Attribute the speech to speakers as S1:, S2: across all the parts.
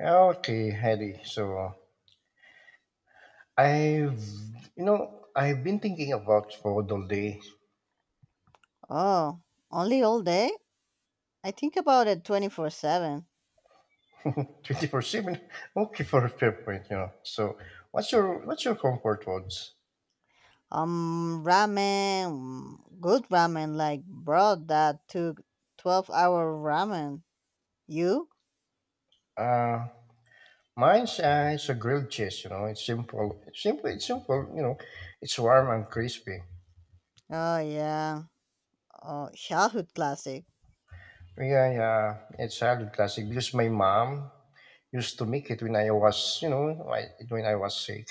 S1: Okay, Hedy. So I've you know I've been thinking about food all day.
S2: Oh, only all day? I think about it 24/7.
S1: 24/7. Okay, for a fair point, you know. So what's your comfort foods?
S2: Ramen, mm, good ramen, like bro, that took 12-hour ramen. You?
S1: Uh, Mine's it's a grilled cheese. You know, it's simple. You know, it's warm and crispy.
S2: Oh, yeah. Oh, childhood classic.
S1: Yeah, yeah. It's a classic because my mom used to make it when I was sick.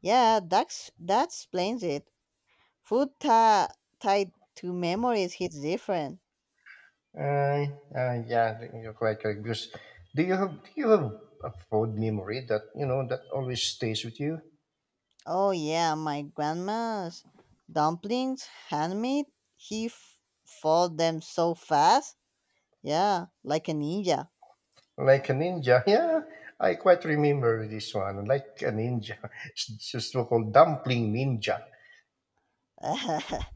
S2: Yeah, that explains it. Food ta- tied to memories hits different.
S1: Yeah, you're quite correct. Because do you have a fond memory that always stays with you,
S2: Oh, yeah, my grandma's dumplings, handmade. He f- fought them so fast. Yeah, like a ninja.
S1: like a ninja? Yeah, I quite remember this one, like a ninja. It's just so-called dumpling ninja.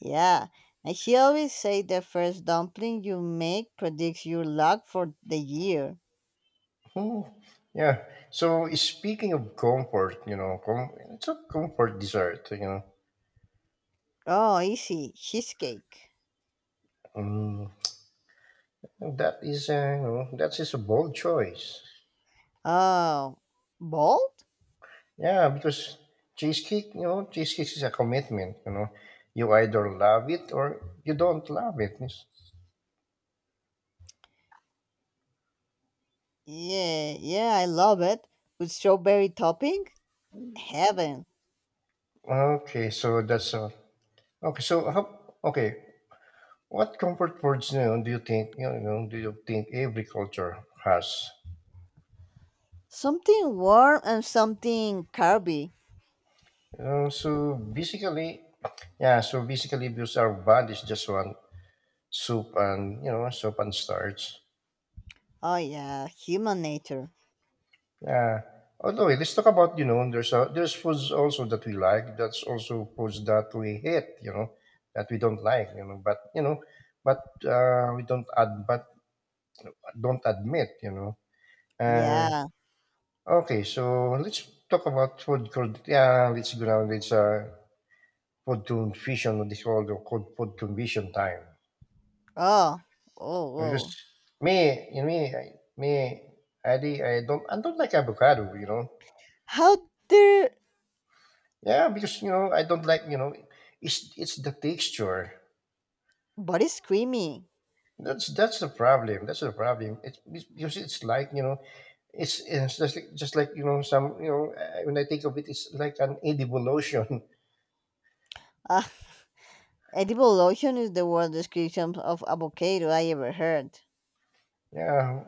S2: yeah, and she always say the first dumpling you make predicts your luck for the year.
S1: Hmm. Yeah. So speaking of comfort, you know, it's a comfort dessert. You know,
S2: Oh, easy cheesecake.
S1: mm, that is you know, that is a bold choice.
S2: Oh, bold?
S1: Yeah, because cheesecake, you know, cheesecake is a commitment. You know, you either love it or you don't love it.
S2: Yeah, yeah, I love it with strawberry topping. Heaven.
S1: Okay, so that's all. Okay, so how, okay, what comfort foods, do you think, do you think every culture has?
S2: Something warm and something carby.
S1: You know, so basically, yeah, so basically, because our bodies just want soup and soup and starch.
S2: Oh yeah, human nature.
S1: Yeah. Although let's talk about, you know, there's foods also that we like. That's also foods that we hate. You know, that we don't like. You know, but you know, but don't admit. You know. Uh,
S2: Yeah.
S1: okay, so let's talk about food. Called, yeah, let's go down. It's food confusion. What they call the called food confusion time.
S2: Oh, oh,
S1: Because
S2: oh.
S1: me, you know, me, I- me, I don't like avocado. You know.
S2: How dare?
S1: Yeah, because you know I don't like, you know, it's the texture.
S2: But it's creamy.
S1: That's the problem. That's the problem. Because it's like, you know, just like, you know, when I think of it, it's like an edible lotion.
S2: Edible lotion is the worst description of avocado I ever heard.
S1: Yeah.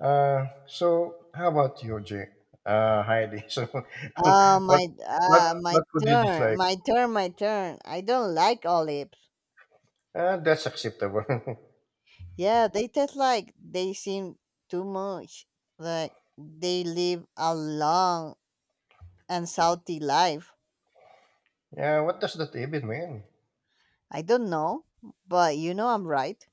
S1: So how about you, Jay? Heidi. So
S2: Oh
S1: what
S2: my,
S1: what
S2: ah, my
S1: what would you
S2: turn,
S1: dislike?
S2: my turn, my turn. I don't like olives.
S1: That's acceptable.
S2: Yeah, they taste like they seem too much. Like they live a long and salty life.
S1: Yeah. What does that even mean?
S2: I don't know, but I'm right.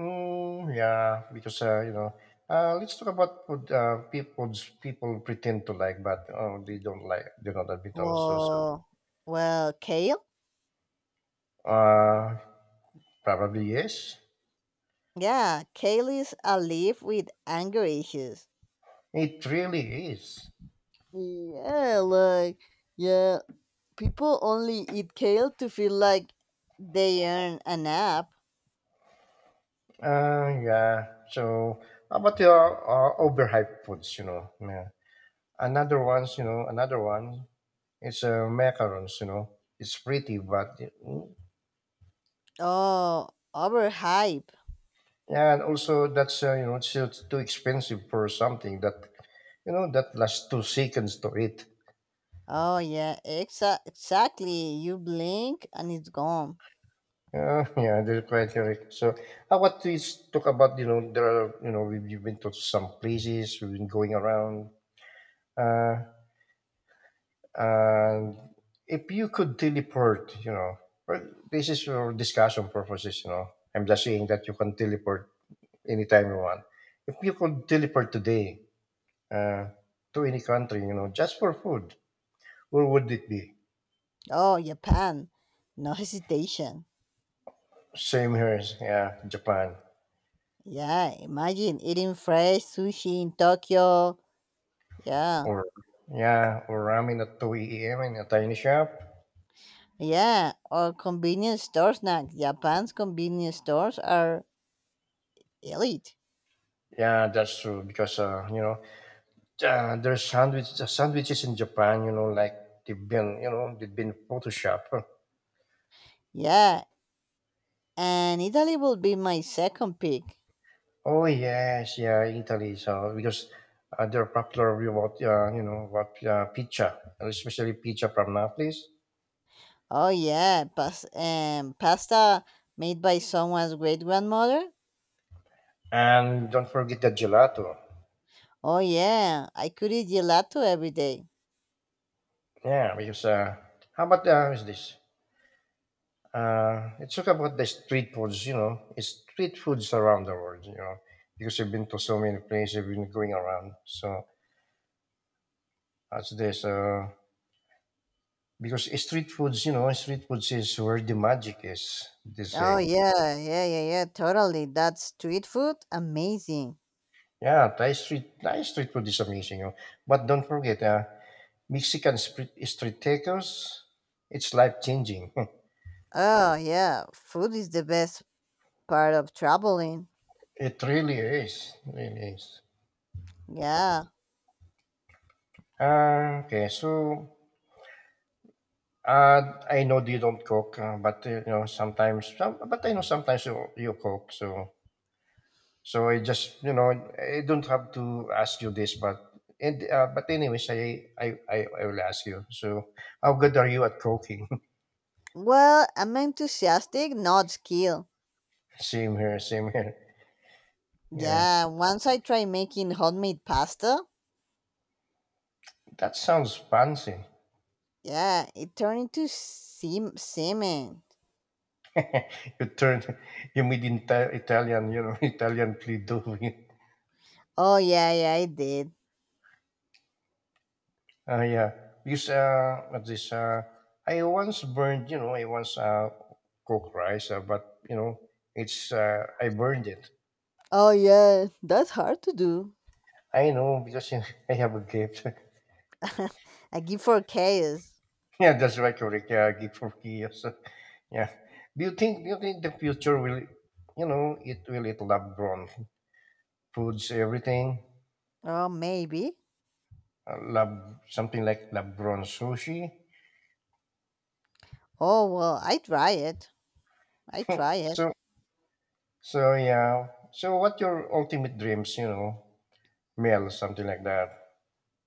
S1: Mm, yeah, because you know, let's talk about food. People pretend to like, but oh, they don't like. They don't admit also. So,
S2: Well, well, kale.
S1: uh, probably yes.
S2: Yeah, kale is a leaf with anger issues.
S1: It really is.
S2: Yeah, yeah, people only eat kale to feel like they earn a nap.
S1: Yeah. So, how about the overhyped foods? You know, yeah. Another ones. You know, another one is macarons. You know, it's pretty, but mm.
S2: Oh, overhype.
S1: Yeah, and also that's you know it's too expensive for something that, you know, that lasts 2 seconds to eat.
S2: Oh, yeah, exactly. You blink and it's gone.
S1: Yeah, that's quite correct. So, I want to s- talk about, you know, there are, we've been to some places, we've been going around, uh, and if you could teleport, you know, well, this is for discussion purposes, you know. I'm just saying that you can teleport anytime you want. If you could teleport today uh, to any country, you know, just for food, where would it be?
S2: Oh, Japan. No hesitation.
S1: Same here, yeah, Japan.
S2: Yeah, imagine eating fresh sushi in Tokyo. Yeah,
S1: Or yeah, or ramen at 2 a.m. in a tiny shop.
S2: yeah, or convenience store snack. Japan's convenience stores are elite.
S1: Yeah, that's true because you know, the sandwiches in Japan. You know, like they've been, you know, they've been Photoshop.
S2: Yeah, and Italy will be my second pick.
S1: Oh yes, yeah, Italy. So because they're popular with what you know, what pizza, especially pizza from Naples,
S2: Oh yeah, pasta made by someone's great grandmother.
S1: and don't forget the gelato.
S2: Oh yeah, I could eat gelato every day.
S1: Yeah, because how about is this? Let's talk about the street foods, you know, it's street foods around the world, you know, because I've been to so many places, I've been going around. So that's this. Because street foods, you know, street foods is where the magic is, they
S2: Oh
S1: say.
S2: yeah, yeah, yeah, yeah, totally. That street food, amazing.
S1: Yeah, Thai street food is amazing. You know? But don't forget, Mexican street tacos, it's life changing.
S2: Oh yeah, food is the best part of traveling.
S1: It really is, really is.
S2: Yeah.
S1: Okay, so I know you don't cook, but, you know, sometimes some but I know sometimes you cook, so so I just, you know, I don't have to ask you this, but and, but anyways, I will ask you. So, how good are you at cooking?
S2: Well, I'm enthusiastic, not skill.
S1: Same here, same here. Yeah.
S2: Yeah, once I tried making homemade pasta,
S1: That sounds fancy.
S2: yeah, it turned into semen.
S1: You turn, you made Italian, you know, Italian play doh.
S2: Oh yeah, yeah, I did.
S1: Yeah, because what this I once burned, you know, I once cooked rice, but you know, it's I burned it.
S2: Oh yeah, that's hard to do.
S1: I know because I have a gift.
S2: a gift for chaos.
S1: Yeah, that's right, correct. Yeah, gift for kids. Yeah. Do you think? Do you think the future will, you know, it will eat lab grown foods everything,
S2: Oh maybe.
S1: lab something like lab grown sushi.
S2: Oh well, I try it. I try it.
S1: So so yeah. So what your ultimate dreams? You know, meal something like that.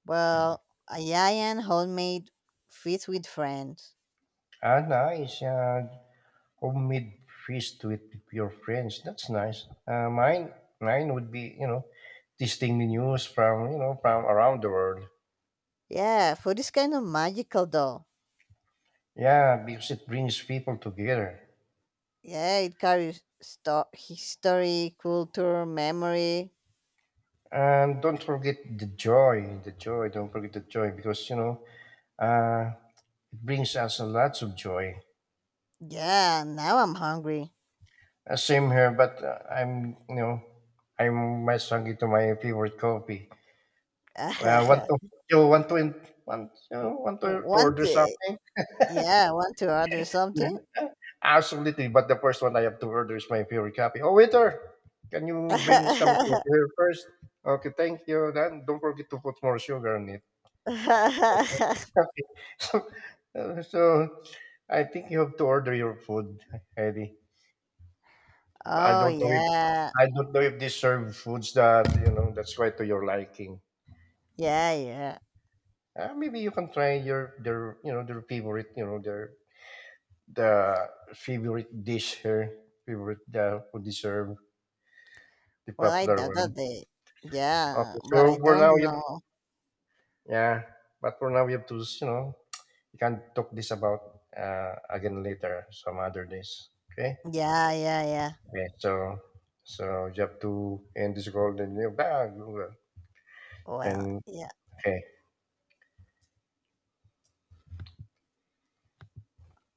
S2: Well, a giant homemade feast with friends.
S1: Ah, nice. Homemade feast with your friends. That's nice. Mine would be, you know, tasting menus from, you know, from around the world.
S2: Yeah, food is kind of magical though.
S1: Yeah, because it brings people together.
S2: Yeah, it carries history, culture, memory.
S1: And don't forget the joy, the joy. Don't forget the joy because, you know, uh, it brings us a lots of joy.
S2: Yeah, now I'm hungry.
S1: Same here, but I'm, you know, I'm much hungry to my favorite coffee. Uh, want to, you want to, you know, to
S2: want
S1: order
S2: to?
S1: something?
S2: Yeah, want to order something?
S1: Absolutely, but the first one I have to order is my favorite copy. Oh, waiter, can you bring me some coffee here first? Okay, thank you. Then don't forget to put more sugar on it. Okay. Okay. So, so I think you have to order your food, Eddie. I
S2: oh
S1: don't know if
S2: yeah.
S1: I don't know if they serve foods that you know that's quite to your liking.
S2: Yeah, yeah.
S1: Maybe you can try your their, you know, their favorite, you know, their the favorite dish here, favorite food they serve, the
S2: Well, I
S1: popular
S2: doubt
S1: one.
S2: that they. Yeah,
S1: Okay,
S2: but
S1: so
S2: I
S1: for now,
S2: don't
S1: you
S2: know.
S1: yeah, but for now, we have to, you know, we can talk this about again later, some other days. Okay.
S2: Yeah, yeah, yeah.
S1: Okay. So, so you have to end this call, then you back,
S2: Well,
S1: and
S2: yeah.
S1: okay.